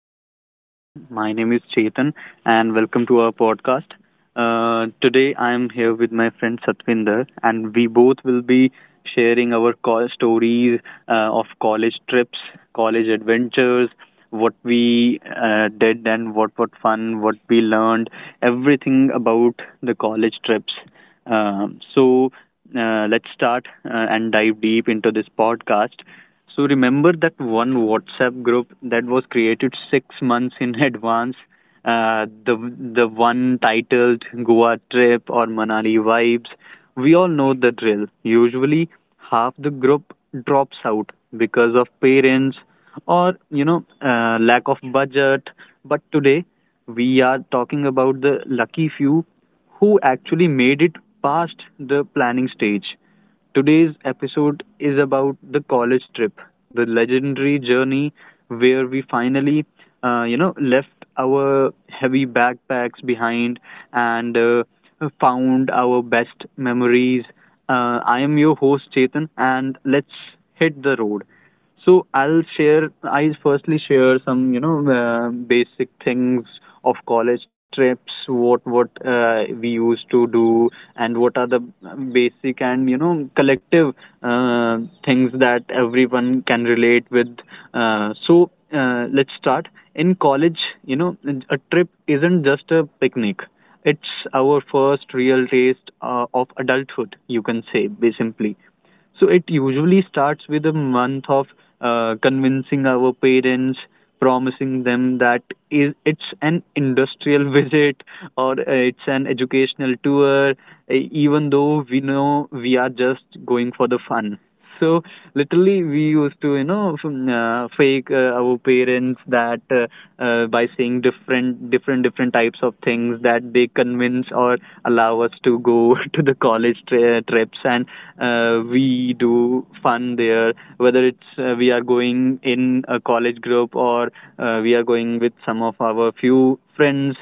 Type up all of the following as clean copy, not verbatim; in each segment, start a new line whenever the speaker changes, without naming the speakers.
and welcome everyone. My name is Chetan and welcome to our podcast. Today I am here with my friend Satvinder and we both will be sharing our call stories of college trips, college adventures, what we did and what fun, what we learned, everything about the college trips. Um so let's start and dive deep into this podcast. So remember that one WhatsApp group that was created 6 months in advance, uh, the the one titled Goa trip or Manali vibes. We all know the drill. Usually, half the group drops out because of parents or lack of budget. But today, we are talking about the lucky few who actually made it past the planning stage. Today's episode is about the college trip, the legendary journey where we finally, left our heavy backpacks behind and found our best memories. I am your host Chetan, and let's hit the road. So I'll share. I firstly share some, basic things of college trips. What we used to do, and what are the basic and you know collective uh, things that everyone can relate with. Let's start. In college, you know, a trip isn't just a picnic. It's our first real taste of adulthood, you can say, simply. So it usually starts with a month of convincing our parents, promising them that is it's an industrial visit or it's an educational tour, even though we know we are just going for the fun. So literally, we used to, fake our parents that by saying different, different, different types of things that they convince or allow us to go to the college trips, and we do fun there. Whether it's we are going in a college group or we are going with some of our few friends.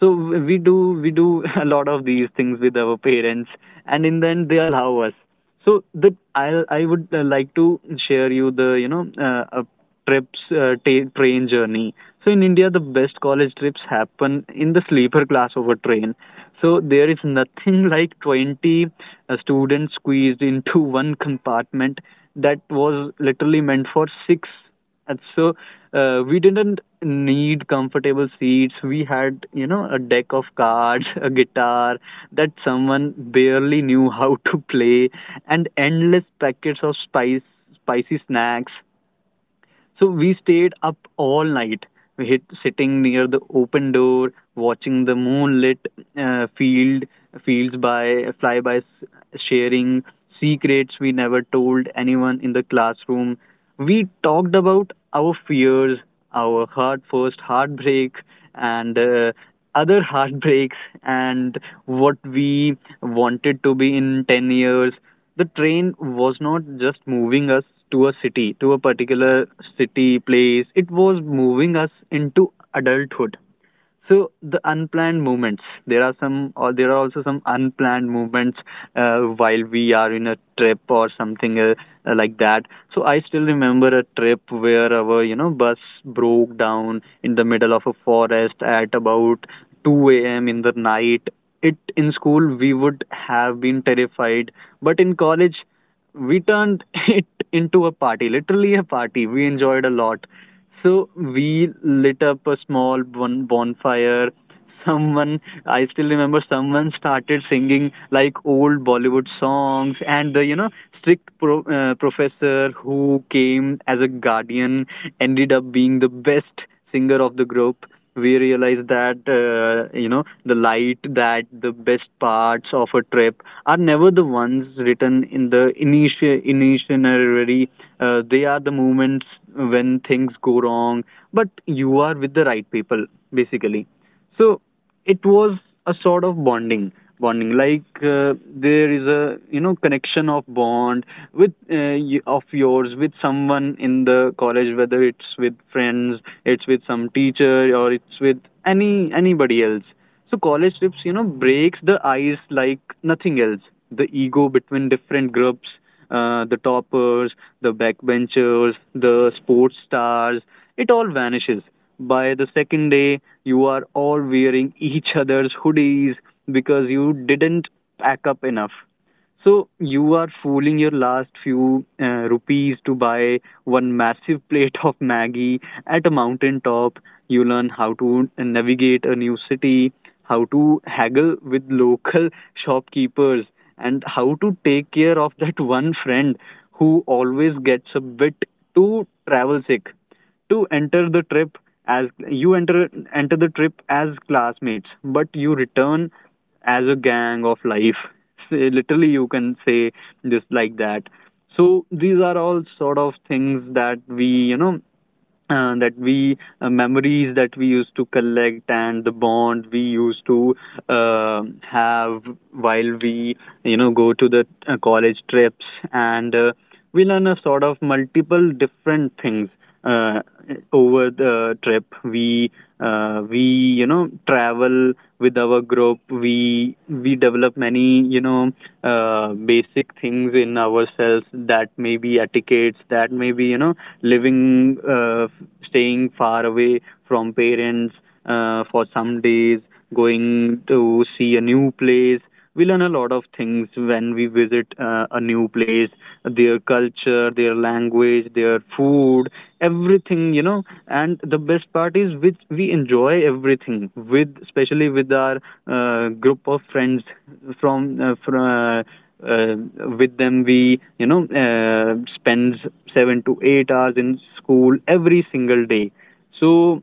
So we do a lot of these things with our parents, and in the end, they allow us. So the I would like to share you the a train journey. So in India, the best college trips happen in the sleeper class of a train. So there is nothing like 20 students squeezed into one compartment that was literally meant for six and so we didn't need comfortable seats. We had, you know, a deck of cards, a guitar that someone barely knew how to play, and endless packets of spicy snacks. So we stayed up all night. We hit sitting near the open door, watching the moonlit uh, field fields by fly by, sharing secrets we never told anyone in the classroom. We talked about our fears, our heart first heartbreak, and other heartbreaks, and what we wanted to be in 10 years. The train was not just moving us to a city, to a particular city, place. It was moving us into adulthood. So the unplanned movements. There are some, or there are also some unplanned movements while we are in a trip or something like that. So I still remember a trip where our you know bus broke down in the middle of a forest at about 2 a.m. in the night. It in school we would have been terrified, but in college we turned it into a party, literally a party. We enjoyed a lot. So we lit up a small bonfire. Someone, I still remember someone started singing like old Bollywood songs, and the you know strict professor who came as a guardian ended up being the best singer of the group. We realized that, you know the light that the best parts of a trip are never the ones written in the initial initiatory. They are the moments when things go wrong but you are with the right people, basically. So it was a sort of bonding, bonding, like there is a you know connection of bond with of yours with someone in the college, whether it's with friends, it's with some teacher, or it's with anybody else. So college trips, you know, breaks the ice like nothing else. The ego between different groups, the toppers, the backbenchers, the sports stars, it all vanishes. By the second day, you are all wearing each other's hoodies because you didn't pack up enough. So you are fooling your last few rupees to buy one massive plate of Maggie at a mountain top. You learn how to navigate a new city, how to haggle with local shopkeepers, and how to take care of that one friend who always gets a bit too travel sick. To enter the trip, as you enter the trip as classmates, but you return as a gang of life. Say, literally, you can say this like that. So these are all sort of things that we you know that we memories that we used to collect and the bond we used to uh, have while we you know go to the college trips, and we learn a sort of multiple different things uh, over the trip. We we you know travel with our group. We develop many basic things in ourselves, that may be etiquettes, that may be you know living staying far away from parents for some days, going to see a new place. We learn a lot of things when we visit a new place, their culture, their language, their food, everything, you know. And the best part is which we enjoy everything with, especially with our group of friends from uh, with them we you know spends 7 to 8 hours in school every single day. So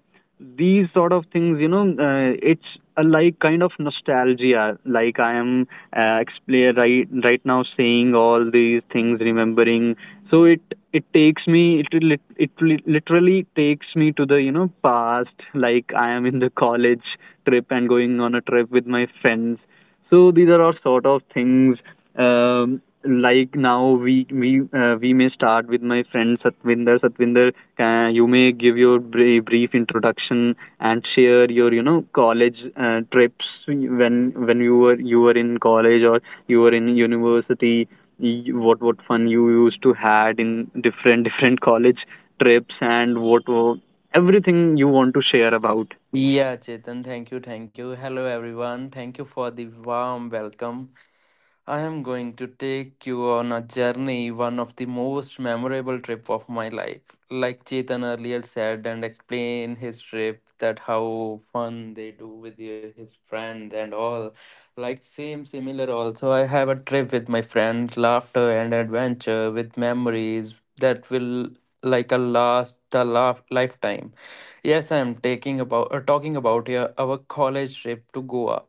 these sort of things, it's a like kind of nostalgia. Like I am explain right now, saying all these things, remembering. So it takes me, literally takes me to the you know past. Like I am in the college trip and going on a trip with my friends. So these are all sort of things. Like now we may start with my friend Satvinder. Satvinder, you may give your brief introduction and share your you know college trips when you were in college or you were in university. What fun you used to had in different different college trips and what were- everything you want to share about.
Yeah, Chetan, thank you, thank you. Hello, everyone. Thank you for the warm welcome. I am going to take you on a journey, one of the most memorable trip of my life. Like Chetan earlier said, and explain his trip, that how fun they do with his friends and all. Like same similar also, I have a trip with my friends, laughter and adventure with memories that will like a last a laugh, lifetime. Yes, I am taking about talking about here our college trip to Goa.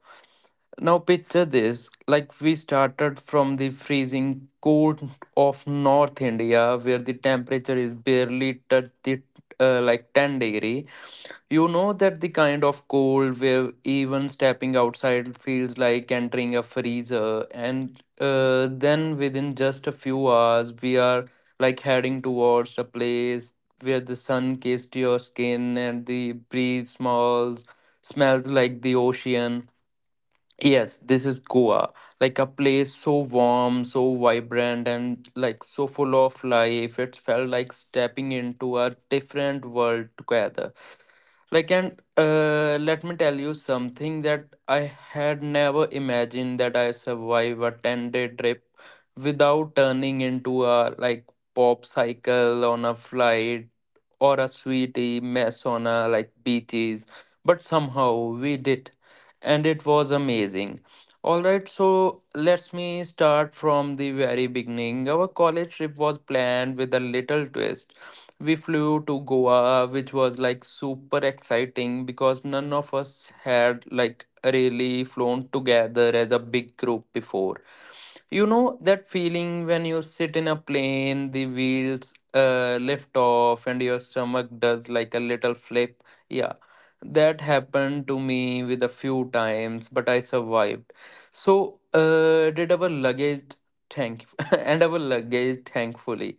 Now picture this, like we started from the freezing cold of North India, where the temperature is barely touch the like 10 degrees degree. You know that the kind of cold where even stepping outside feels like entering a freezer, and then within just a few hours, we are like heading towards a place where the sun kissed your skin and the breeze smells like the ocean. Yes, this is Goa, like a place so warm, so vibrant, and like so full of life. It felt like stepping into a different world together. Like, and Let me tell you something that I had never imagined that I survive a 10-day trip without turning into a like pop cycle on a flight or a sweetie mess on a like beaches. But somehow we did and it was amazing. Alright, so let's me start from the very beginning. Our college trip was planned with a little twist. We flew to Goa, which was like super exciting because none of us had like really flown together as a big group before. You know that feeling when you sit in a plane, the wheels lift off, and your stomach does like a little flip? Yeah, that happened to me with a few times, but I survived. So, did our luggage thank and our luggage thankfully.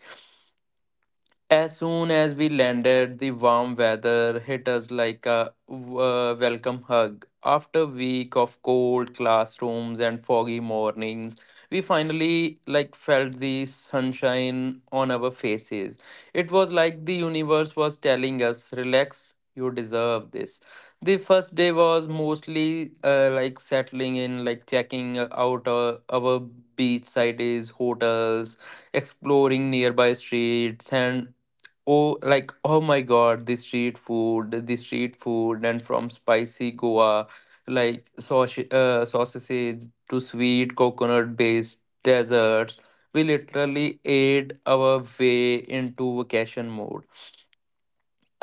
As soon as we landed, the warm weather hit us like a welcome hug. After a week of cold classrooms and foggy mornings, we finally like felt the sunshine on our faces. It was like the universe was telling us, "Relax, you deserve this." The first day was mostly like settling in, like checking out our beachside hotels, exploring nearby streets and oh, like, oh my God, the street food, and from spicy Goa, like sausage, sausage to sweet coconut-based desserts, we literally ate our way into vacation mode.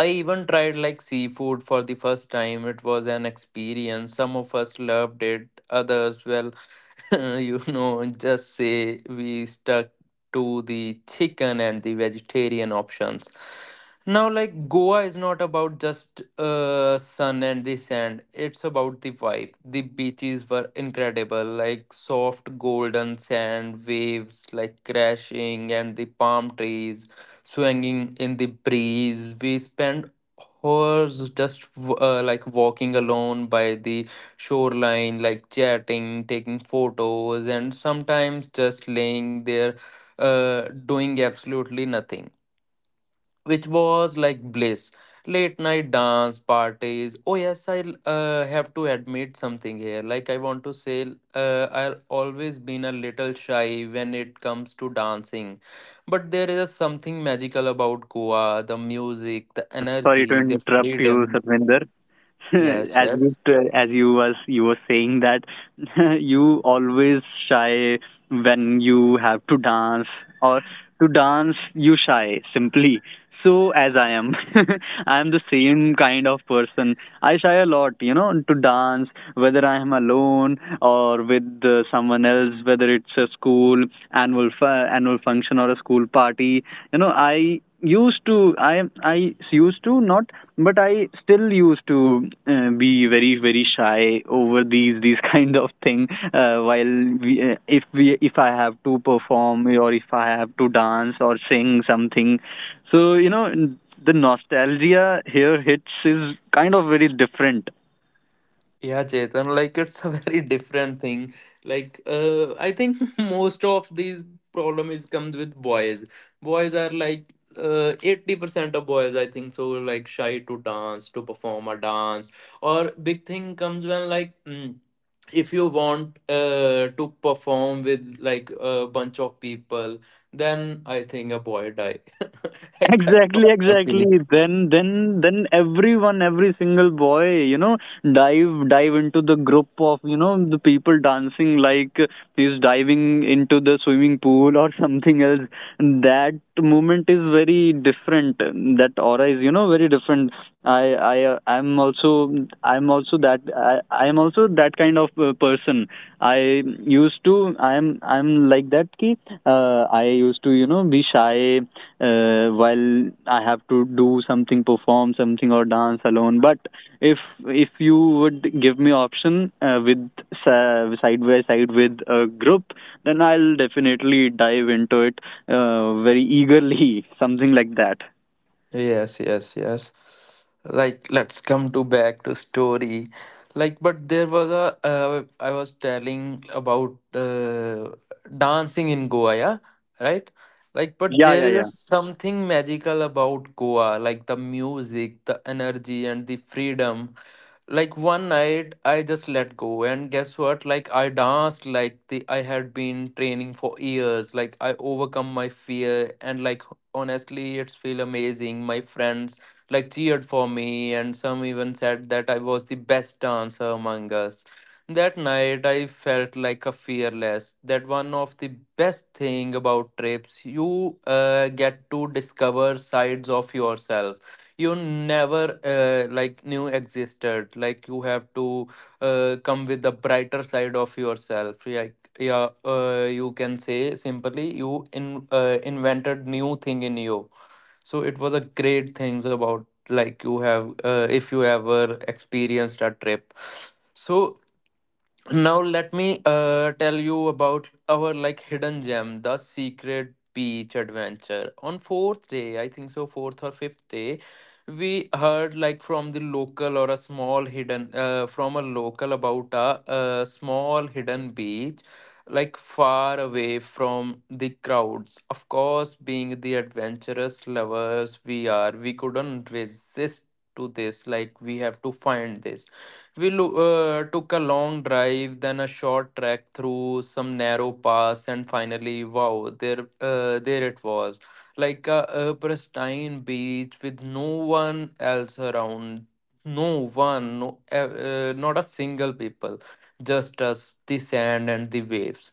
I even tried like seafood for the first time. It was an experience. Some of us loved it, others were just say we stuck to the chicken and the vegetarian options. Now, like Goa is not about just sun and the sand, it's about the vibe. The beaches were incredible, like soft golden sand, waves like crashing, and the palm trees swinging in the breeze. We spent hours just like walking alone by the shoreline, like chatting, taking photos, and sometimes just laying there doing absolutely nothing, which was like bliss. Late night dance parties. Oh, yes, I have to admit something here. Like, I want to say, I've always been a little shy when it comes to dancing. But there is something magical about Goa the music, the
Sorry to
energy, the
interrupt you,
freedom.
Satvinder. As
Yes,
you
yes.
t- as you was you were saying that you always shy when you have to dance or to dance you shy simply, so as I am. I am the same kind of person. I shy a lot, you know, to dance, whether I am alone or with someone else, whether it's a school annual function or a school party. You know, I used to not, but I still used to be very very shy over these kind of thing. If we if I have to perform or if I have to dance or sing something, so, you know, the nostalgia here hits is kind of very different.
Yeah, Chetan, like it's a very different thing. I think most of these problem is comes with boys. Boys are like 80% of boys, I think, so like shy to dance, to perform a dance. Or big thing comes when like if you want to perform with like a bunch of people, then I think a boy die. Except for
Exactly, exactly,
dancing.
then then everyone, every single boy you know dive into the group of you know the people dancing like he's diving into the swimming pool or something else. That moment is very different, that aura is you know very different. I I'm also that I I'm also that kind of person. I used to I'm like that ki I used to you know be shy while I have to do something, perform something, or dance alone. But if if you would give me option with side by side with a group, then I'll definitely dive into it very eagerly, something like that.
Yes, yes, yes. Like, let's come to back to story. Like, but there was a I was telling about dancing in Goa, yeah, right? Like, but
Yeah,
there
yeah,
is a
yeah.
something magical about Goa, like the music, the energy, and the freedom. Like one night, I just let go, and guess what? Like I danced like the I had been training for years. Like I overcome my fear and like honestly it's feel amazing my friends like cheered for me and some even said that I was the best dancer among us that night I felt like a fearless that one of the best thing about trips you get to discover sides of yourself you never like knew existed like you have to come with the brighter side of yourself yeah, yeah you can say simply you in invented new thing in you so it was a great things about like you have if you ever experienced a trip so now let me tell you about our like hidden gem, the secret beach adventure. On fourth day, I think so, fourth or fifth day, we heard like from the local or a small hidden from a local about a small hidden beach, like far away from the crowds. Of course, being the adventurous lovers we are, we couldn't resist to this. Like we have to find this we took a long drive, then a short trek through some narrow pass, and finally, wow, there it was, like a pristine beach with no one else around, no one, not a single people, just us, the sand and the waves.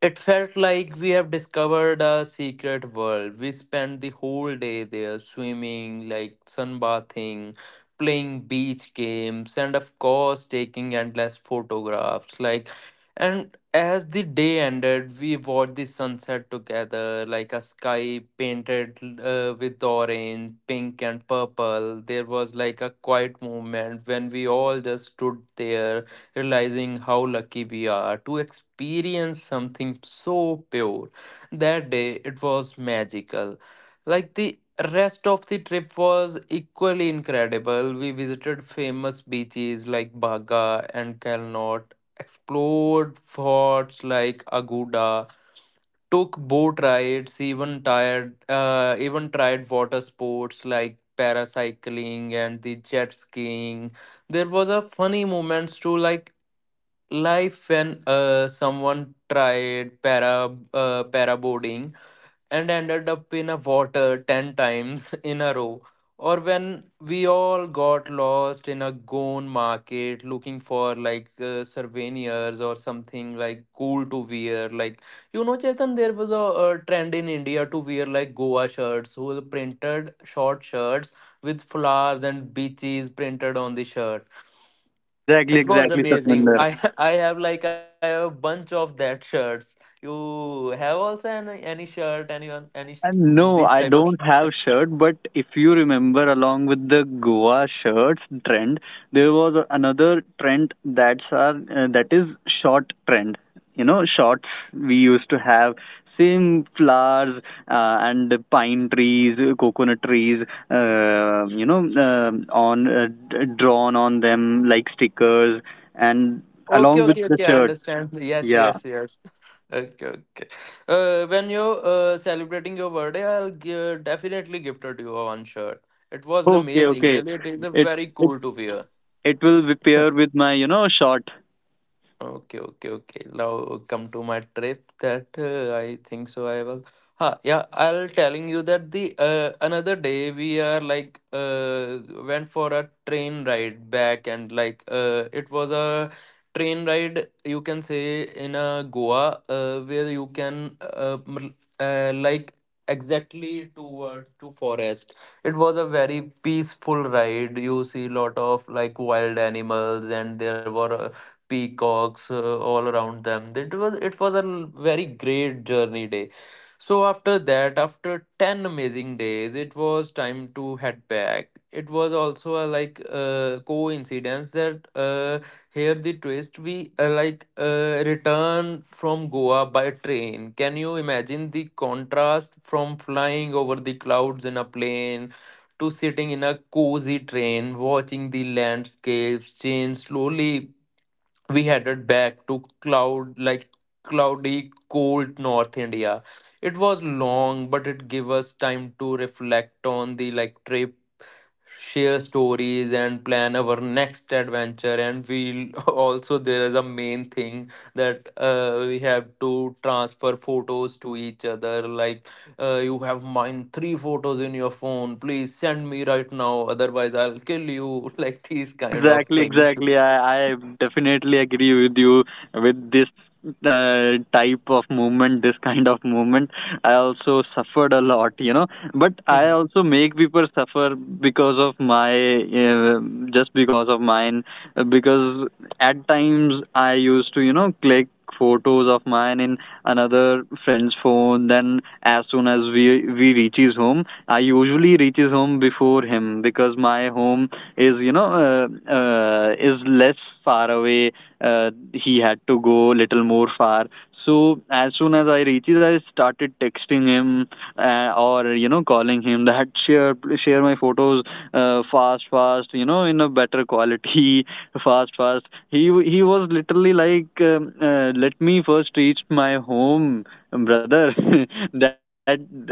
It felt like we have discovered a secret world. We spent the whole day there swimming, like sunbathing, playing beach games, and of course, taking endless photographs. Like, and as the day ended, we watched the sunset together, like a sky painted with orange, pink, and purple. There was like a quiet moment when we all just stood there realizing how lucky we are to experience something so pure. That day it was magical. Like the rest of the trip was equally incredible. We visited famous beaches like Baga and Kalnot, explored forts like Aguda, took boat rides, even tried water sports like paracycling and the jet skiing. There was a funny moments too, like life when someone tried paraboarding and ended up in a water 10 times in a row or when we all got lost in a gone market looking for like souvenirs or something like cool to wear like you know Chetan there was a trend in India to wear like Goa shirts who were printed short shirts with flowers and beaches printed on the shirt
Exactly,
it was
exactly,
amazing.
Satminder.
I I have like I have a bunch of that shirts. You have also any shirt, anyone, this
No,
type
I
of.
don't have shirt, but if you remember, along with the Goa shirts trend, there was another trend that's our, that is short trend. You know, shorts we used to have same flowers and pine trees, coconut trees, drawn on them like stickers, and
Okay,
along with
okay,
the
okay. I
shirt.
understand. Yes,
Yeah.
yes, yes. Okay, okay. When you're celebrating your birthday, I'll give, definitely gifted you one shirt. It was
Okay,
amazing.
okay.
Really, it is a
It
very cool to wear.
It will be pair with my, you know, shot.
Okay, okay, okay. Now come to my trip that I think so I will. Ha, yeah, I'll telling you that the another day we are like went for a train ride back and like it was a train ride you can say in a Goa where you can like exactly toward to forest. It was a very peaceful ride. You see lot of like wild animals and there were peacocks all around them. It was a very great journey day. So after that, after 10 amazing days, it was time to head back. It was also a like coincidence that here the twist we return from Goa by train. Can you imagine the contrast from flying over the clouds in a plane to sitting in a cozy train watching the landscapes change slowly? We headed back to cloudy cold North India. It was long, but it gave us time to reflect on the trip, share stories, and plan our next adventure. And we also there is a main thing that we have to transfer photos to each other, like, you have mine three photos in your phone, please send me right now, otherwise I'll kill you. Like these kind of
Exactly,
things.
exactly. I definitely agree with you with this type of movement, this kind of movement. I also suffered a lot, you know, but I also make people suffer because of my, just because of mine, because at times I used to, you know, click photos of mine in another friend's phone. Then as soon as we reach his home, I usually reach his home before him because my home is is less far away. He had to go little more far. So as soon as I reaches, I started texting him or you know calling him that share my photos, fast fast you know in a better quality fast fast he was literally like let me first reach my home brother. That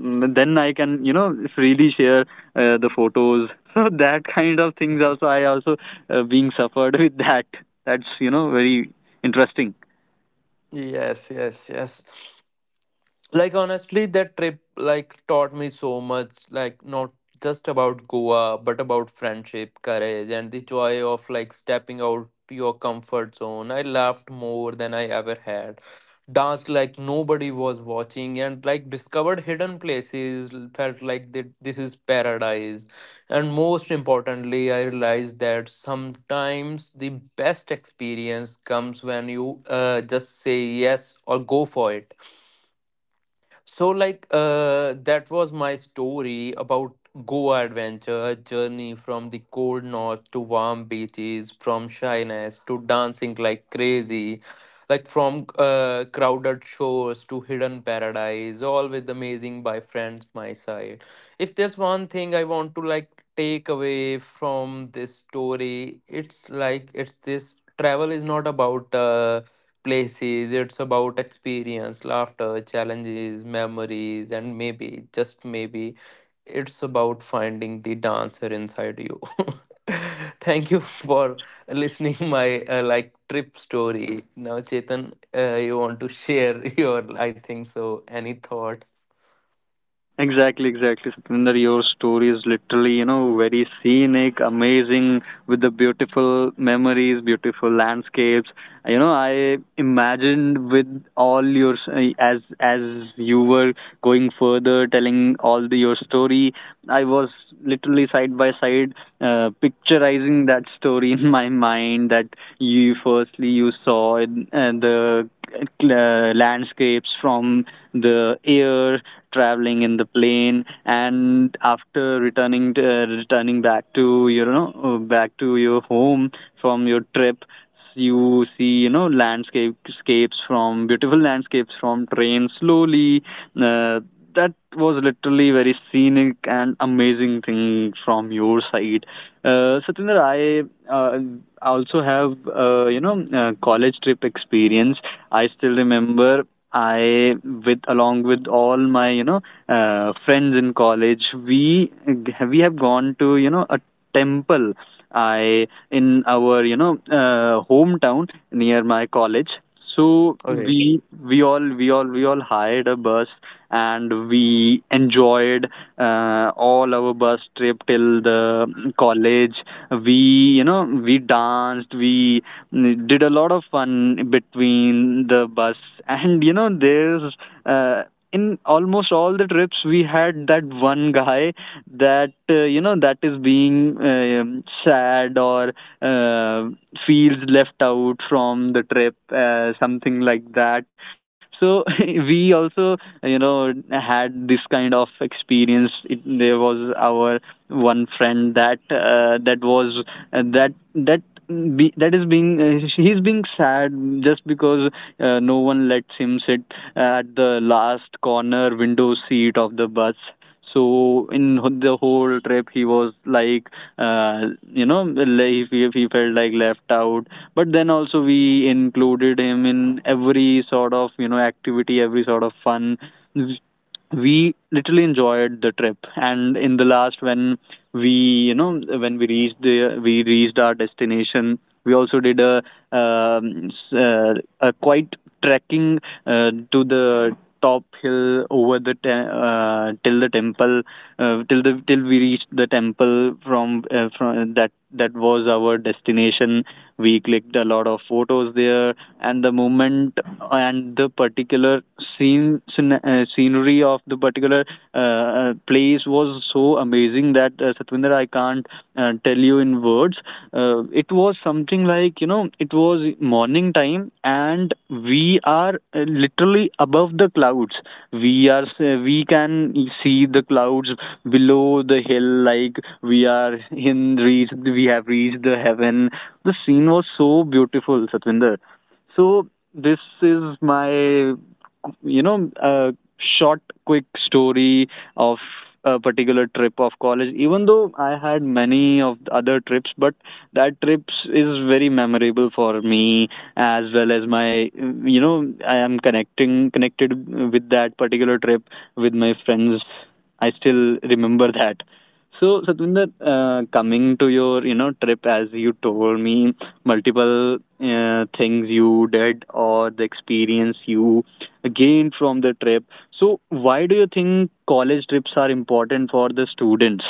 then I can you know freely share the photos. So that kind of things also I also being suffered with that. That's you know very interesting.
Yes, yes, yes, like honestly that trip like taught me so much, like not just about Goa but about friendship, courage, and the joy of like stepping out your comfort zone. I laughed more than I ever had, danced like nobody was watching, and like discovered hidden places, felt like that this is paradise. And most importantly, I realized that sometimes the best experience comes when you just say yes or go for it. So, like, that was my story about Goa adventure, journey from the cold north to warm beaches, from shyness to dancing like crazy, like from crowded shores to hidden paradise, all with amazing by friends my side. If there's one thing I want to like take away from this story, it's like it's this, travel is not about places. It's about experience, laughter, challenges, memories, and maybe, just maybe, it's about finding the dancer inside you. Thank you for listening my like trip story. Now, Chetan, you want to share your, I think so, any thought?
Exactly, exactly, Satinder. Your story is literally, you know, very scenic, amazing, with the beautiful memories, beautiful landscapes. You know, I imagined with all your as you were going further, telling all the, your story. I was literally side by side picturizing that story in my mind that you firstly you saw it, the landscapes from the air traveling in the plane, and after returning to, returning back to back to your home from your trip, you see you know landscapes from beautiful landscapes from train slowly. uh, that was literally very scenic and amazing thing from your side. Satinder, I uh, also have you know college trip experience. I still remember I with along with all my you know friends in college, we we have gone to you know a temple I in our you know hometown near my college. So
Okay.
we all hired a bus and we enjoyed all our bus trip till the college. We you know we danced, we did a lot of fun between the bus. And you know there's uh, in almost all the trips we had that one guy that you know that is being sad or uh, feels left out from the trip, something like that. So we also you know had this kind of experience. There was our one friend that that was that that be, that is being he's being sad just because no one lets him sit at the last corner window seat of the bus. So in the whole trip he was like, uh, you know le- he, he felt like left out. But then also we included him in every sort of you know activity, every sort of fun. We literally enjoyed the trip, and in the last when we you know when we reached our destination, we also did a um, s- uh, a quite trekking to the top hill over the till the temple, till we reached the temple from that. That was our destination. We clicked a lot of photos there. And the moment, and the particular scenery of the particular place was so amazing that, Satwinder, I can't tell you in words. It was something like you know it was morning time and we are literally above the clouds. We can see the clouds below the hill, like we are in reach, we have reached the heaven. The scene was so beautiful, Satvinder. So this is my you know a short quick story of a particular trip of college. Even though I had many of the other trips, but that trips is very memorable for me as well as my you know I am connecting connected with that particular trip with my friends. I still remember that. So Satwinder, coming to your you know trip, as you told me multiple things you did or the experience you gained from the trip, so why do you think college trips are important for the students?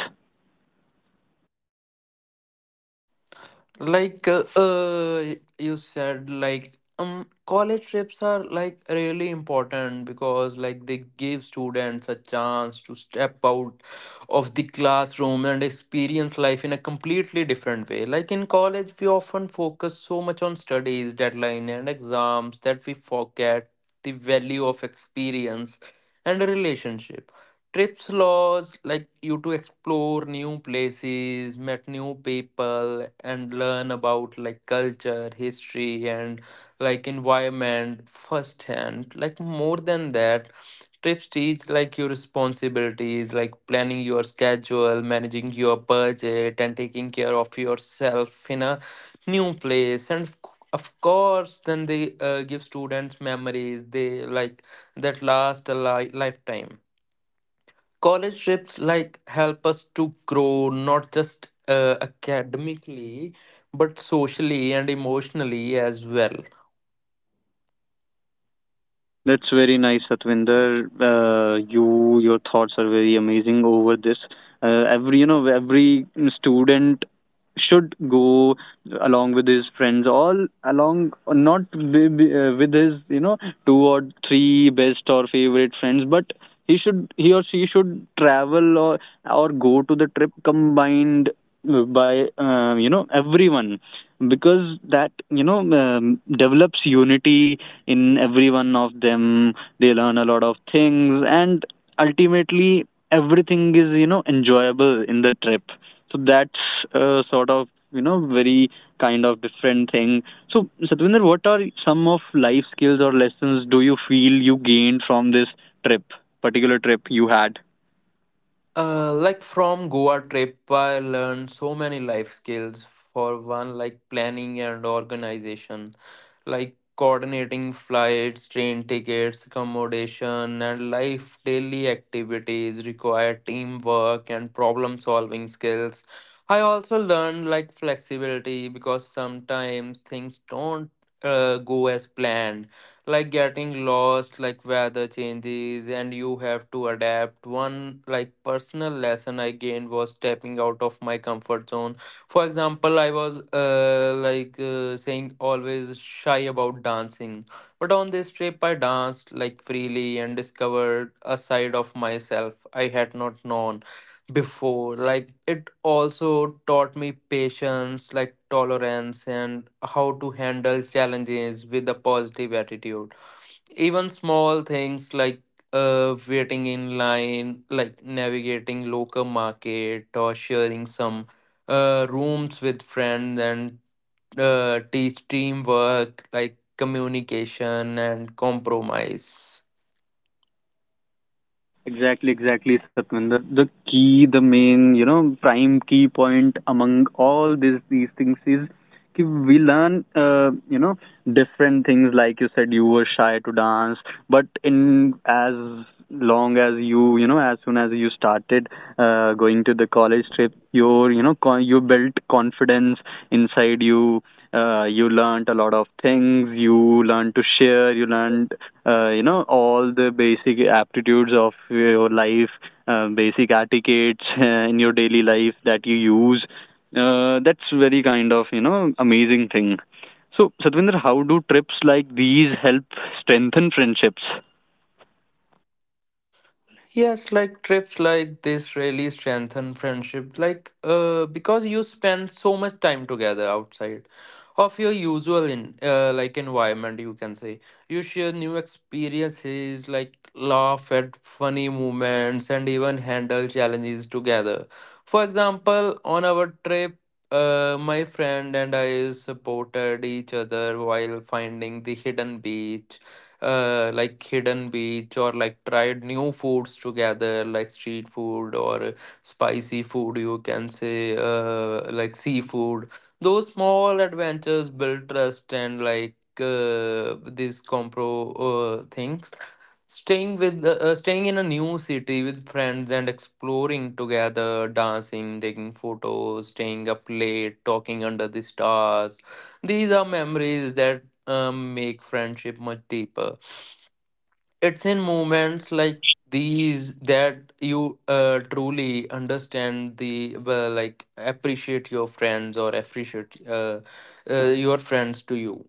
Like you said, like college trips are like really important because like they give students a chance to step out of the classroom and experience life in a completely different way. Like in college, we often focus so much on studies, deadline, and exams that we forget the value of experience and a relationship. Trips laws like you to explore new places, met new people, and learn about like culture, history, and like environment firsthand. Like more than that, trips teach like your responsibilities, like planning your schedule, managing your budget, and taking care of yourself in a new place. And of course, then they give students memories they like that last a lifetime. College trips like help us to grow, not just academically but socially and emotionally as well.
That's very nice, Satvinder. You, your thoughts are very amazing over this. Every, you know, every student should go along with his friends, all along, not with, with his, you know, two or three best or favorite friends, but he should, he or she should travel or go to the trip combined by, you know, everyone, because that you know develops unity in every one of them. They learn a lot of things, and ultimately everything is you know enjoyable in the trip. So that's sort of you know very kind of different thing. So Satvinder, what are some of life skills or lessons do you feel you gained from this trip, particular trip you had?
Like from Goa trip, I learned so many life skills. For one, like planning and organization, like coordinating flights, train tickets, accommodation, and life daily activities require teamwork and problem solving skills. I also learned like flexibility because sometimes things don't go as planned, like getting lost, like weather changes, and you have to adapt. One like personal lesson I gained was stepping out of my comfort zone. For example, I was saying always shy about dancing, but on this trip I danced like freely and discovered a side of myself I had not known before. Like it also taught me patience, like tolerance, and how to handle challenges with a positive attitude. Even small things like waiting in line, like navigating local market or sharing some rooms with friends, and teach teamwork, like communication and compromise.
Exactly, exactly, Satvinder. The key, the main, you know, prime key point among all these things is कि we learn, you know, different things. Like you said you were shy to dance, but in as long as you you know as soon as you started going to the college trip, your you know you built confidence inside you. You learned a lot of things, you learned to share, you learned you know all the basic aptitudes of your life, basic etiquettes in your daily life that you use. That's very kind of you know amazing thing. So Satvinder, how do trips like these help strengthen friendships?
Yes, like trips like this really strengthen friendship. Like, because you spend so much time together outside of your usual in like environment, you can say. You share new experiences, like laugh at funny moments, and even handle challenges together. For example, on our trip, my friend and I supported each other while finding the hidden beach, like hidden beach, or like tried new foods together, like street food or spicy food, you can say, like seafood. Those small adventures build trust, and like these compro things, staying with staying in a new city with friends and exploring together, dancing, taking photos, staying up late talking under the stars, these are memories that make friendship much deeper. It's in moments like these that you truly understand the well, like appreciate your friends or appreciate your friends to you.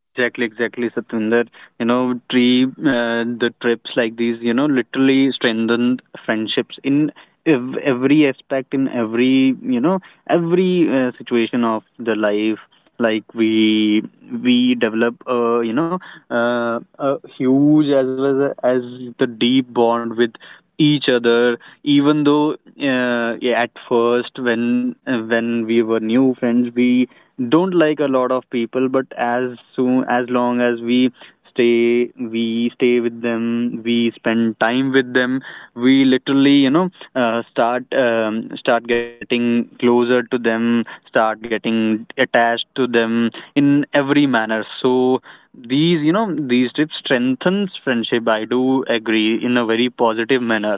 Exactly, exactly, Satwinder. You know, the trips like these, you know, literally strengthened friendships in every aspect, in every, you know, every situation of the life. Like we develop, you know, a huge as well as the deep bond with each other. Even though, yeah, at first when we were new friends, we don't like a lot of people, but as soon as long as we stay with them, we spend time with them, we literally you know start getting closer to them, start getting attached to them in every manner. So these you know these trips strengthens friendship, I do agree in a very positive manner.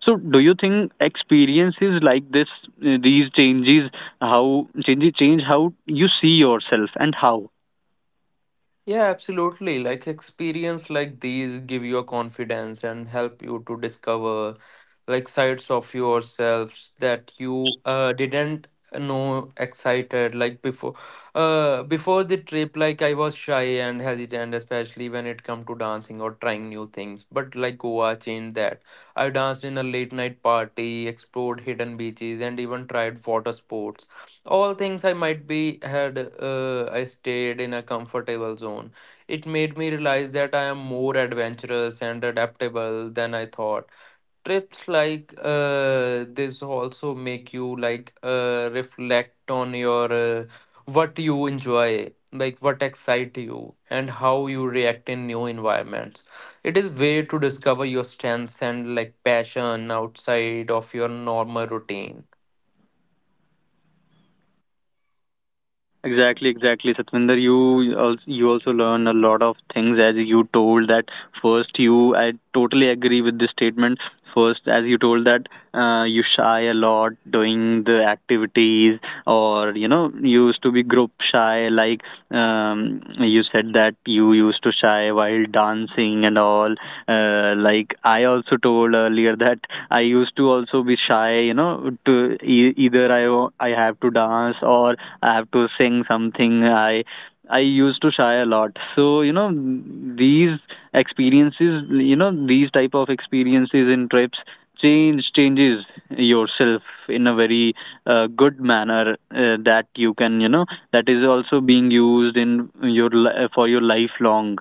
So do you think experiences like this these changes how change how you see yourself and how
Yeah, absolutely. Like experience like these give you a confidence and help you to discover like sides of yourselves that you didn't know excited like before. Uh, before the trip, like I was shy and hesitant, especially when it come to dancing or trying new things, but like Goa changed that. I danced in a late night party, explored hidden beaches, and even tried water sports, all things I might be had I stayed in a comfortable zone. It made me realize that I am more adventurous and adaptable than I thought. Trips like this also make you like reflect on your what you enjoy, like what excite you and how you react in new environments. It is way to discover your strengths and like passion outside of your normal routine.
exactly exactly Satvinder? You also, you also learn a lot of things, as you told that first you I totally agree with this statement. First, as you told that you shy a lot doing the activities, or you know you used to be group shy like you said that you used to shy while dancing and all. Like I also told earlier that I used to also be shy. You know, to I have to dance or I have to sing something. I used to shy a lot. So you know, these experiences, you know, these type of experiences in trips changes yourself in a very good manner, that you can you know that is also being used in your for your lifelong.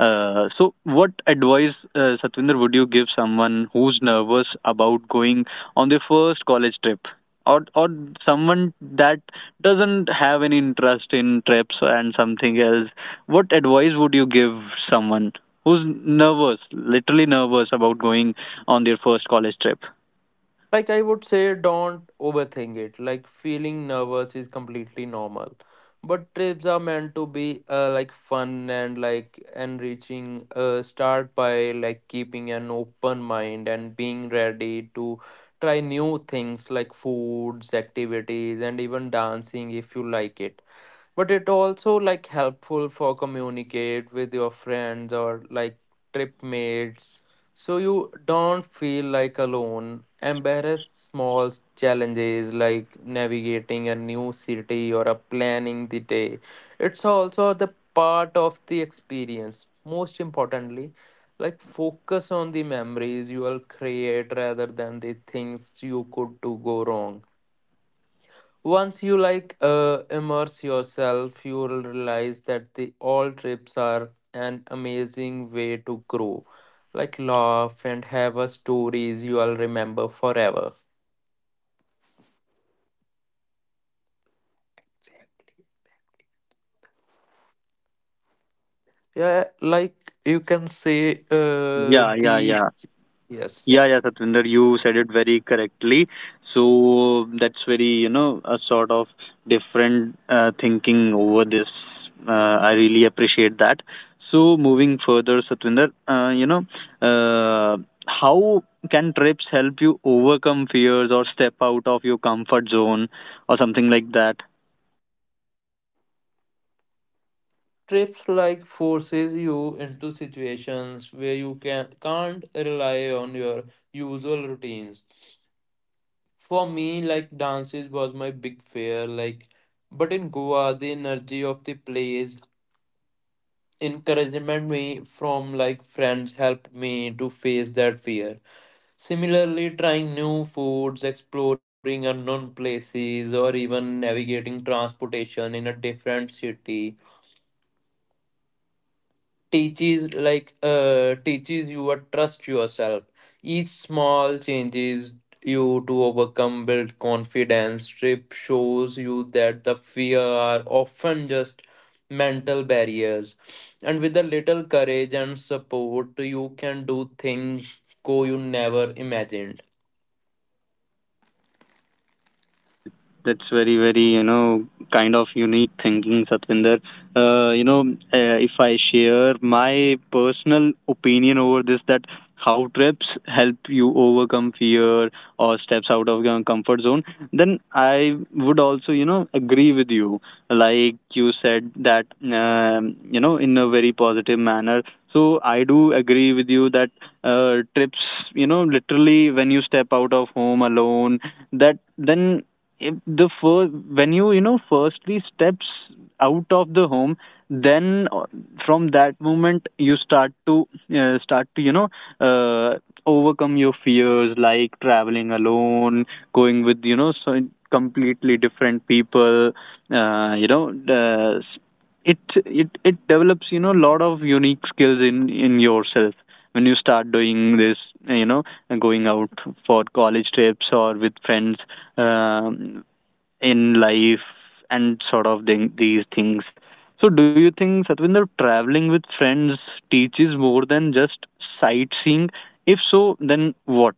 So what advice, Satvinder, would you give someone who's nervous about going on their first college trip, or someone that doesn't have any interest in trips and something else? What advice would you give someone who's nervous, literally nervous, about going on their first college trip?
Like I would say, don't overthink it. Like feeling nervous is completely normal. But trips are meant to be like fun and like enriching. Start by like keeping an open mind and being ready to try new things like foods, activities, and even dancing if you like it. But it also like helpful for communicate with your friends or like trip mates, so you don't feel like alone. Embrace small challenges like navigating a new city or a planning the day, it's also the part of the experience. Most importantly, like focus on the memories you will create rather than the things you could do go wrong. Once you like immerse yourself, you will realize that the all trips are an amazing way to grow, like laugh and have a stories you will remember forever. Yeah, like you can say,
Yeah, yeah,
the
yeah.
yes.
Yeah, yeah, Satvinder, you said it very correctly. So that's very, you know, a sort of different thinking over this. I really appreciate that. So moving further, Satvinder, you know, uh, how can trips help you overcome fears or step out of your comfort zone or something like that?
Trips like forces you into situations where you can't rely on your usual routines. For me, like dances was my big fear. Like, but in Goa, the energy of the place, encouragement me from like friends helped me to face that fear. Similarly, trying new foods, exploring unknown places, or even navigating transportation in a different city teaches like teaches you to trust yourself. Each small changes you to overcome build confidence. Trip shows you that the fear are often just mental barriers, and with a little courage and support you can do things go you never imagined.
That that's very very you know kind of unique thinking, Satvinder. You know, if I share my personal opinion over this, that how trips help you overcome fear or steps out of your comfort zone, then I would also you know agree with you. Like you said that you know in a very positive manner. So I do agree with you that trips, you know, literally when you step out of home alone, that then if the first when you know firstly steps out of the home, then from that moment you start to you know uh, overcome your fears, like traveling alone, going with you know so completely different people, you know, it it develops you know a lot of unique skills in yourself when you start doing this, you know, and going out for college trips or with friends, um, in life and sort of thing, these things. So do you think, Satvinder, traveling with friends teaches more than just sightseeing? If so, then what?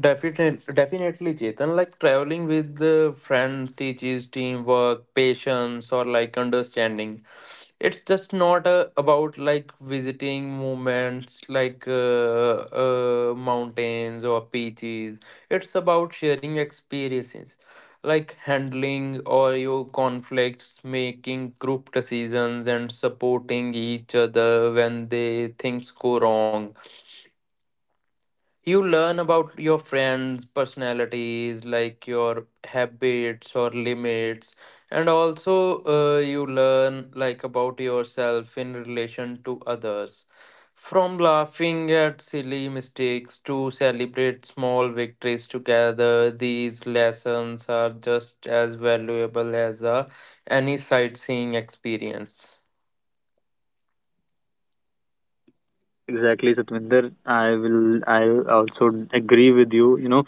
Definitely, definitely, Chetan. Like traveling with the friends teaches teamwork, patience, or like understanding. It's just not about like visiting moments like mountains or beaches. It's about sharing experiences, like handling or your conflicts, making group decisions, and supporting each other when they things go wrong. You learn about your friends personalities, like your habits or limits, and also you learn like about yourself in relation to others. From laughing at silly mistakes to celebrate small victories together, these lessons are just as valuable as a any sightseeing experience.
Exactly, Satvinder. I will. I also agree with you. You know,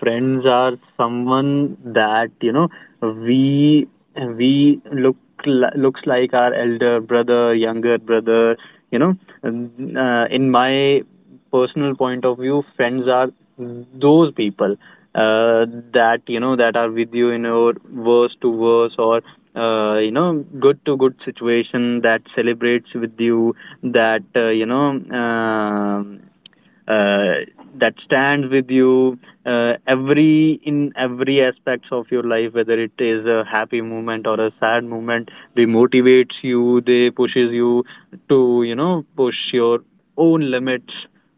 friends are someone that you know we we look looks like our elder brother, younger brother. You know, in my personal point of view, friends are those people uh, that are with you in your worst to worst or good to good situation, that celebrates with you, that um uh, that stands with you every in every aspects of your life, whether it is a happy moment or a sad moment. They motivates you, they pushes you to push your own limits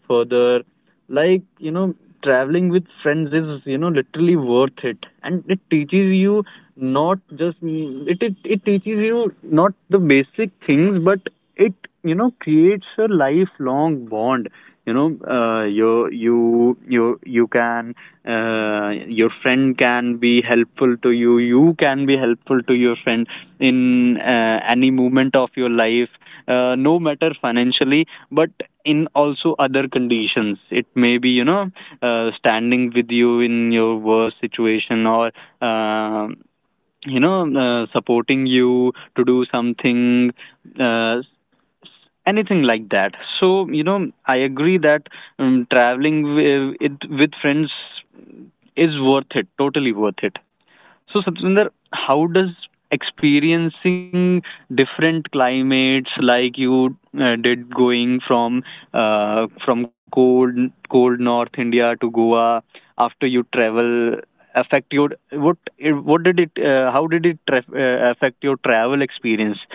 further. like you know traveling with friends is literally worth it, and it teaches you not just it teaches you not the basic things, but it creates a lifelong bond. You know uh, you you you you can uh, uh, your friend can be helpful to you, you can be helpful to your friend in any moment of your life, no matter financially, but in also other conditions. It may be standing with you in your worst situation, or uh, you know supporting you to do something, uh, anything like that. So I agree that, traveling with friends is worth it, totally worth it. So, Satvinder, how does experiencing different climates, like you did, going from uh, from cold cold north India to Goa after you travel, affect your, what what did it how did it affect your travel experience?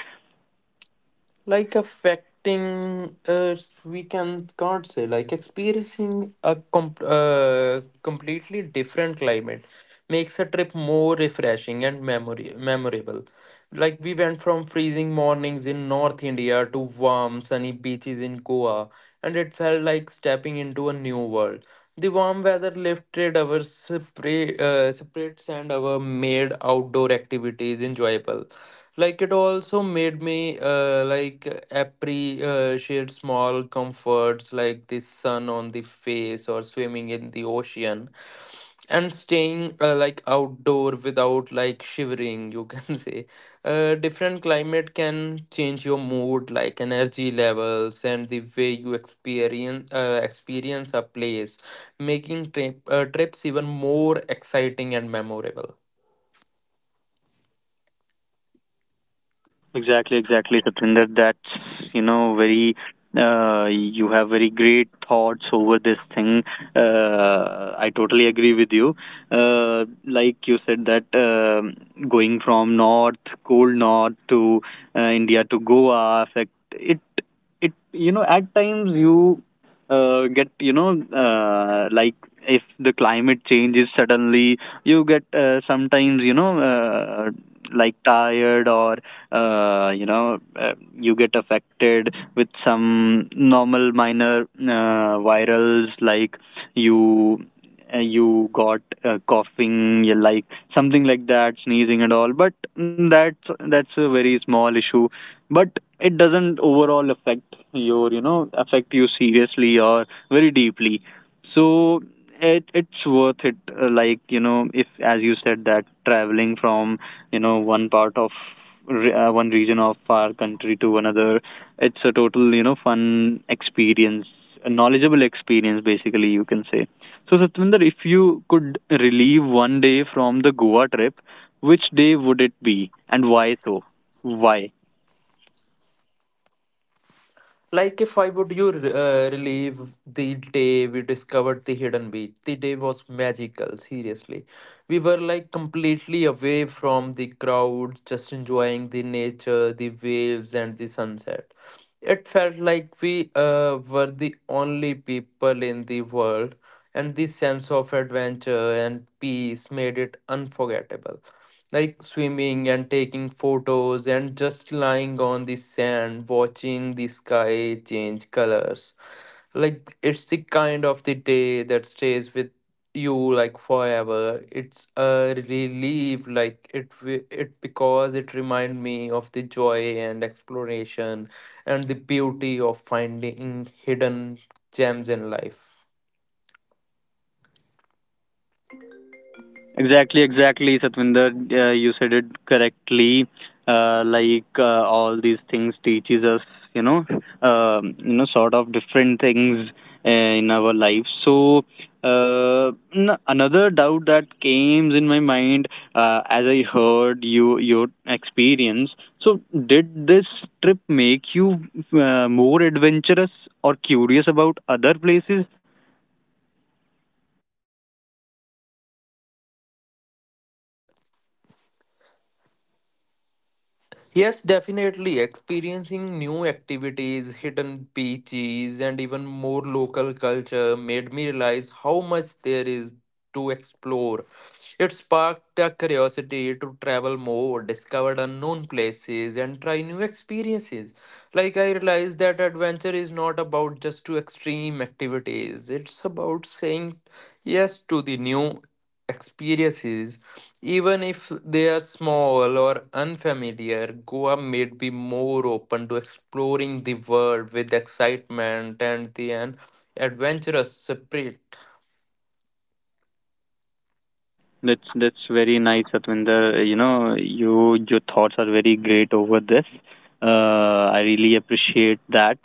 Like affecting we can't say like experiencing a completely different climate makes a trip more refreshing and memory memorable. Like we went from freezing mornings in North India to warm sunny beaches in Goa, and it felt like stepping into a new world. The warm weather lifted our separates and our made outdoor activities enjoyable. Like it also made me like appreciate small comforts like the sun on the face or swimming in the ocean and staying like outdoor without like shivering, you can say. Uh, different climate can change your mood, like energy levels and the way you experience a place, making trips even more exciting and memorable.
Exactly, exactly, Satinder. That's very you have very great thoughts over this thing. I totally agree with you. Like you said that, going from north, cold north to India to Goa affect it. You know, at times you get, like if the climate changes suddenly, you get, sometimes, like tired, or uh, you know uh, you get affected with some normal minor virals, like you you got coughing, you like something like that, sneezing and all. But that's a very small issue. But it doesn't overall affect your, affect you seriously or very deeply. So it's worth it. Like you know if as you said that, traveling from one part of, one region of our country to another, it's a total, fun experience, a knowledgeable experience basically, you can say. So, Satvinder, if you could relieve one day from the Goa trip, which day would it be and why? Why
Like if I would you relive the day we discovered the hidden beach. The day was magical, seriously. We were like completely away from the crowd, just enjoying the nature, the waves, and the sunset. It felt like we were the only people in the world, and this sense of adventure and peace made it unforgettable. Like swimming and taking photos, and just lying on the sand, watching the sky change colors. Like it's the kind of the day that stays with you like forever. It's a relief, like it because it remind me of the joy and exploration and the beauty of finding hidden gems in life.
Exactly, exactly, Satvinder. You said it correctly. Uh, like uh, all these things teaches us, you know, sort of different things in our life. So another doubt that came in my mind as I heard you, your experience. So, did this trip make you more adventurous or curious about other places?
Yes, definitely. Experiencing new activities, hidden beaches, and even more local culture made me realize how much there is to explore. It sparked a curiosity to travel more, discover unknown places, and try new experiences. Like I realized that adventure is not about just to extreme activities. It's about saying yes to the new experiences, even if they are small or unfamiliar. Goa made me more open to exploring the world with excitement and the an adventurous spirit.
That's very nice, Satvinder. You know, your thoughts are very great over this. Uh, I really appreciate that.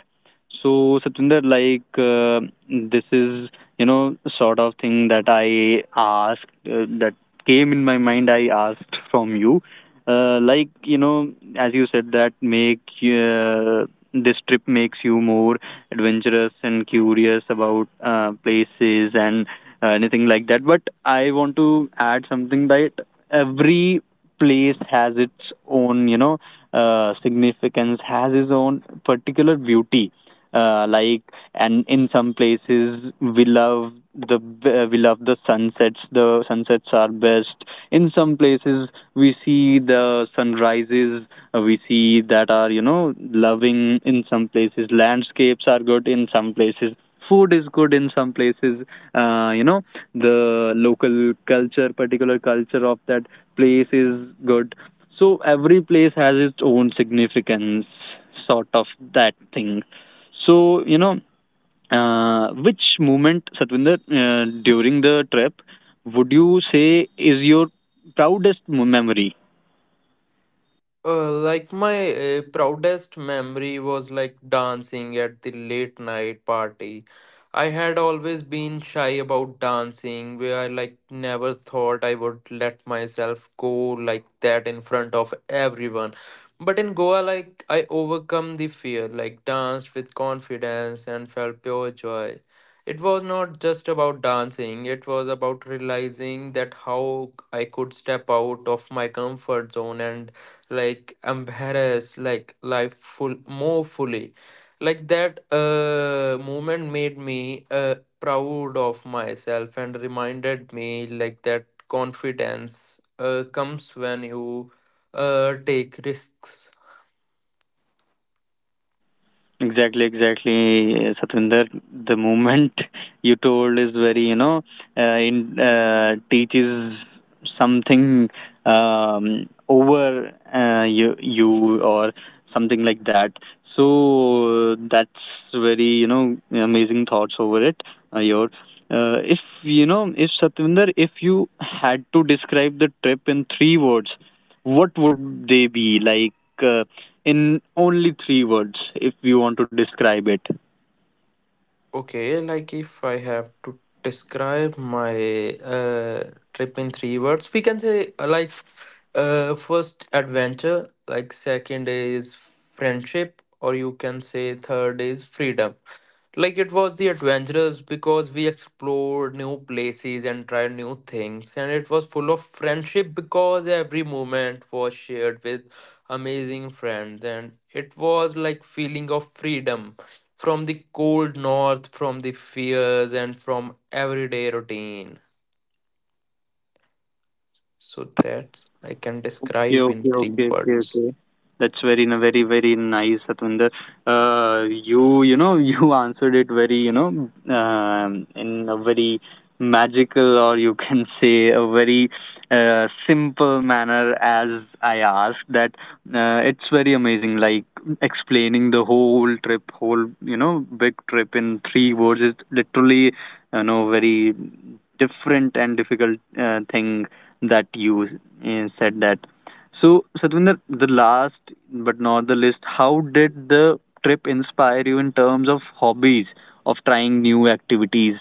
So, Satvinder, this is sort of thing that I asked, that came in my mind. I asked from you, uh, like you know, as you said that, make this trip makes you more adventurous and curious about places and anything like that. But I want to add something, that every place has its own, you know, significance, has its own particular beauty. Uh, like, and in some places we love the sunsets. The sunsets are best. In some places we see the sunrises. We see that are, you know, loving. In some places landscapes are good. In some places food is good. In some places, uh, you know the local culture, particular culture of that place, is good. So every place has its own significance, sort of that thing. So, you know, which moment, Satvinder, during the trip, would you say is your proudest memory?
Like my proudest memory was like dancing at the late night party. I had always been shy about dancing, where I like never thought I would let myself go like that in front of everyone. But in Goa, like I overcome the fear, like danced with confidence and felt pure joy. It was not just about dancing, it was about realizing that how I could step out of my comfort zone and like embrace like life full more fully, like that moment made me proud of myself and reminded me like that confidence comes when you take risks.
Exactly, exactly, Satvinder. The moment you told is very, you know in teaches something, over you you or something like that. So that's very, you know, amazing thoughts over it. Your If you know, if, Satvinder, if you had to describe the trip in 3 words, what would they be, like, uh, in only three words, if you want to describe it?
Okay, like if I have to describe my trip in three words, we can say, like, first adventure, like second is friendship, or you can say third is freedom. Like it was the adventurous because we explored new places and tried new things, and it was full of friendship because every moment was shared with amazing friends, and it was like feeling of freedom from the cold north, from the fears, and from everyday routine. So that's I can
Okay,
describe in
okay,
three
okay, okay,
words.
okay. That's very, very nice, Satwinder. You, you know, you answered it very, you know, in a very magical, or you can say, a very simple manner, as I asked that. It's very amazing, like explaining the whole trip, whole, you know, big trip in three words is literally, you know, very different and difficult thing that you said that. So, Satvinder, the last but not the least, how did the trip inspire you in terms of hobbies, of trying new activities?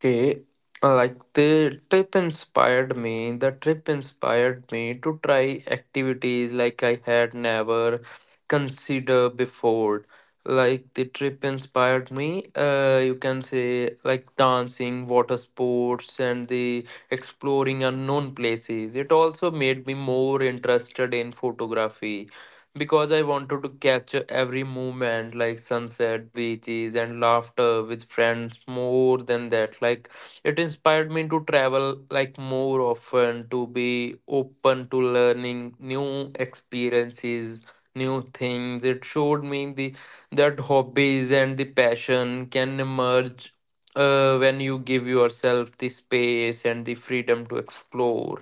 Okay, like the trip inspired me. The trip inspired me to try activities like I had never considered before. Like the trip inspired me, you can say like dancing, water sports, and the exploring unknown places. It also made me more interested in photography because I wanted to capture every moment, like sunset, beaches, and laughter with friends. More than that, like, it inspired me to travel like more often, to be open to learning new experiences, new things. It showed me the that hobbies and the passion can emerge when you give yourself the space and the freedom to explore.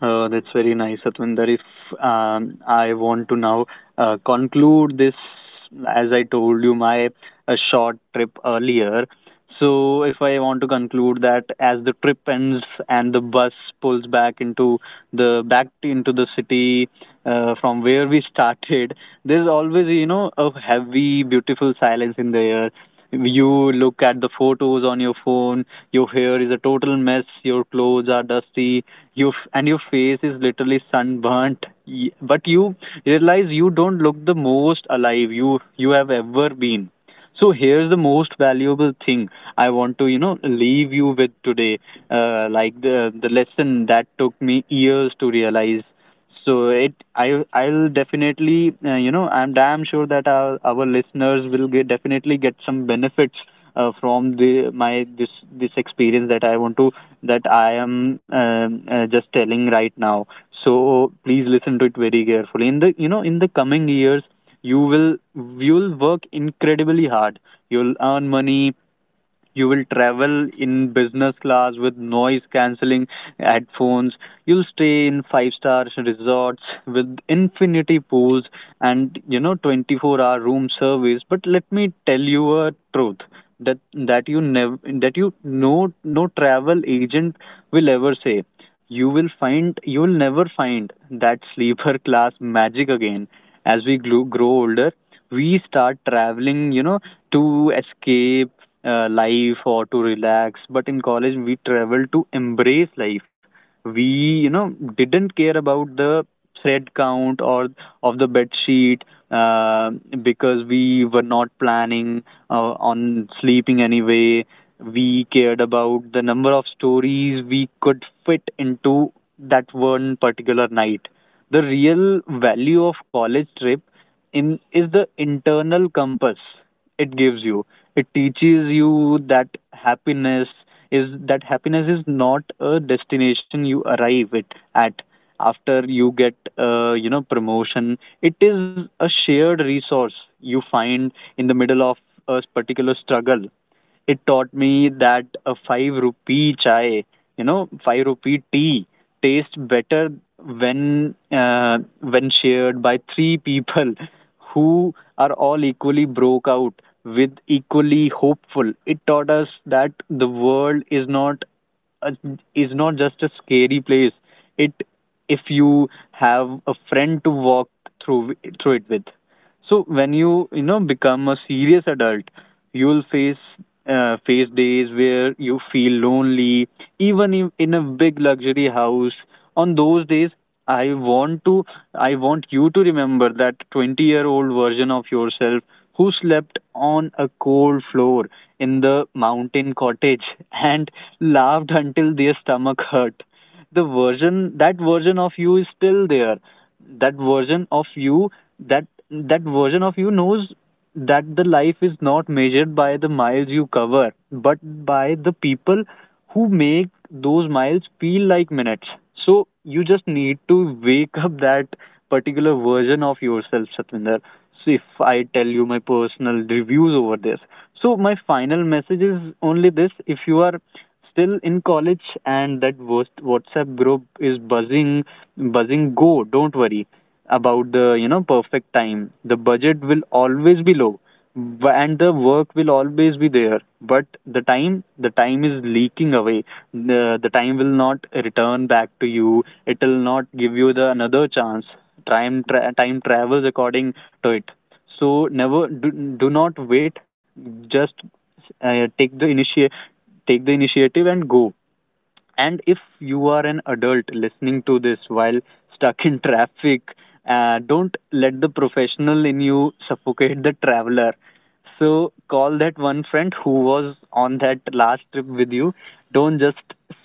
That's very nice, Satvinder. If I want to now conclude this, as I told you, my short trip earlier. So if I want to conclude that, as the trip ends and the bus pulls back into the city from where we started, there's always, you know, a heavy, beautiful silence in the air. You look at the photos on your phone. Your hair is a total mess. Your clothes are dusty. You f- and Your face is literally sunburnt. But you realize you don't look the most alive you have ever been. So here's the most valuable thing I want to, you know, leave you with today. The lesson that took me years to realize. I, I'll definitely, you know, I'm damn sure that our listeners will get definitely get some benefits from the my this experience that I want to, that I am, just telling right now. So please listen to it very carefully. In the coming years, you will you'll work incredibly hard, you'll earn money, you will travel in business class with noise cancelling headphones, you'll stay in 5 star resorts with infinity pools, and, you know, 24 hour room service. But let me tell you a truth that you never, that you, no travel agent will ever say. You will never find that sleeper class magic again. As we grow older, we start traveling, you know, to escape life or to relax. But in college, we traveled to embrace life. We, you know, didn't care about the thread count or of the bed sheet, uh, because we were not planning on sleeping anyway. We cared about the number of stories we could fit into that one particular night. The real value of college trip in is the internal compass it gives you. It teaches you that happiness is not a destination you arrive it at after you get, you know, promotion. It is a shared resource you find in the middle of a particular struggle. It taught me that a 5 rupee chai, you know, 5 rupee tea, tastes better when uh, when shared by 3 people who are all equally broke out, with equally hopeful. It taught us that the world is not a, is not just a scary place, it if you have a friend to walk through through it with. So when you know, become a serious adult, you will face days where you feel lonely, even in a big luxury house. On those days, I want to I want you to remember that 20-year-old version of yourself who slept on a cold floor in the mountain cottage and laughed until their stomach hurt. The version That version of you is still there. that version of you that version of you knows that the life is not measured by the miles you cover, but by the people who make those miles feel like minutes. So you just need to wake up that particular version of yourself, Satvinder. So if I tell you my personal reviews over this. So my final message is only this: if you are still in college and that worst WhatsApp group is buzzing go, don't worry about the, you know, perfect time. The budget will always be low, and the work will always be there, but the time is leaking away. The time will not return back to you, it will not give you the another chance. Time time travels according to it. So never do, do not wait, just uh, take the initiate take the initiative and go. And if you are an adult listening to this while stuck in traffic, don't let the professional in you suffocate the traveler. So call that one friend who was on that last trip with you. Don't just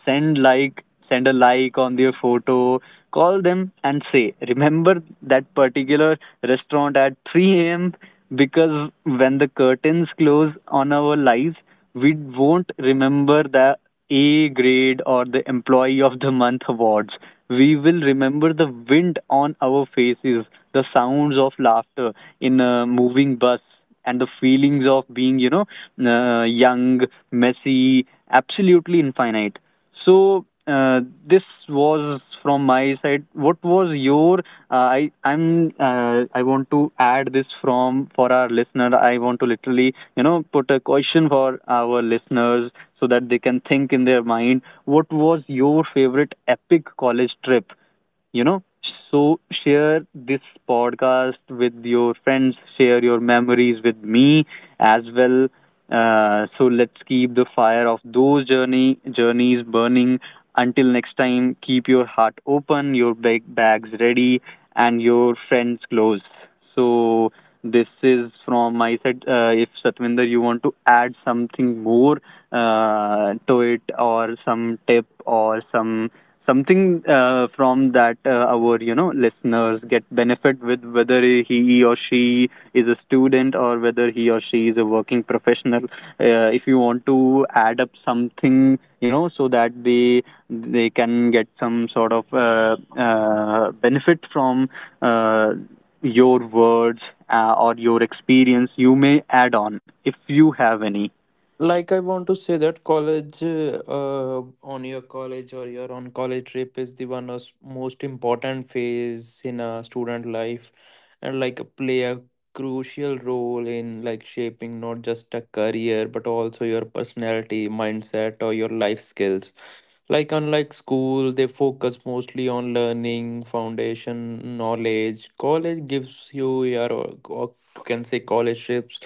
send like send a like on their photo. Call them and say, remember that particular restaurant at 3 a.m. Because when the curtains close on our lives, we won't remember the A grade or the Employee of the Month awards. We will remember the wind on our faces, the sounds of laughter in a moving bus, and the feelings of being, you know, young, messy, absolutely infinite. So this was from my side. What was your, I'm, I want to add this from for our listener. I want to literally, you know, put a question for our listeners, so that they can think in their mind, what was your favorite epic college trip, you know? So share this podcast with your friends, share your memories with me as well. So let's keep the fire of those journeys burning. Until next time, keep your heart open, your bags ready, and your friends close. So this is from my side. If, Satvinder, you want to add something more to it, or some tip, or some something from that, our, you know, listeners get benefit with, whether he or she is a student, or whether he or she is a working professional, if you want to add up something, you know, so that they can get some sort of benefit from uh, your words, or your experience, you may add on if you have any.
Like I want to say that college, on your college or your on college trip is the one of most important phase in a student life, and like play a crucial role in like shaping not just a career but also your personality, mindset, or your life skills. Like unlike school, they focus mostly on learning foundation knowledge. College gives you your, or you can say college trips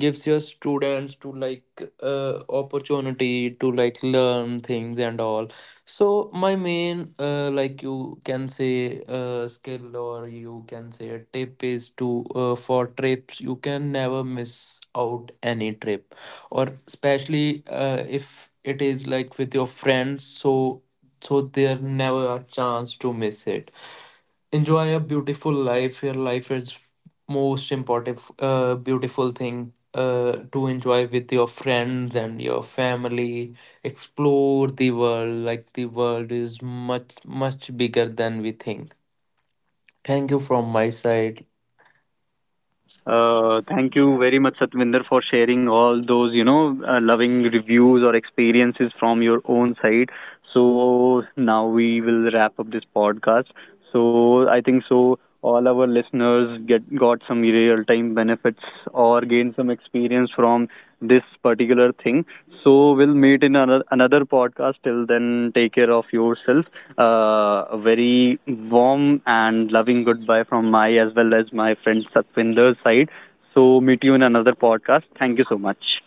gives your students to like opportunity to like learn things and all. So my main, like you can say skill or you can say a tip is to for trips, you can never miss out any trip, or especially if it is like with your friends. So there never a chance to miss it. Enjoy a beautiful life. Your life is most important beautiful thing to enjoy with your friends and your family. Explore the world. Like the world is much much bigger than we think. Thank you from my side.
Thank you very much, Satvinder, for sharing all those, you know, loving reviews or experiences from your own side. So now we will wrap up this podcast. So I think so all our listeners get got some real time benefits or gain some experience from this particular thing. So we'll meet in another podcast. Till then, take care of yourself. A very warm and loving goodbye from my as well as my friend Satwinder's side. So meet you in another podcast. Thank you so much.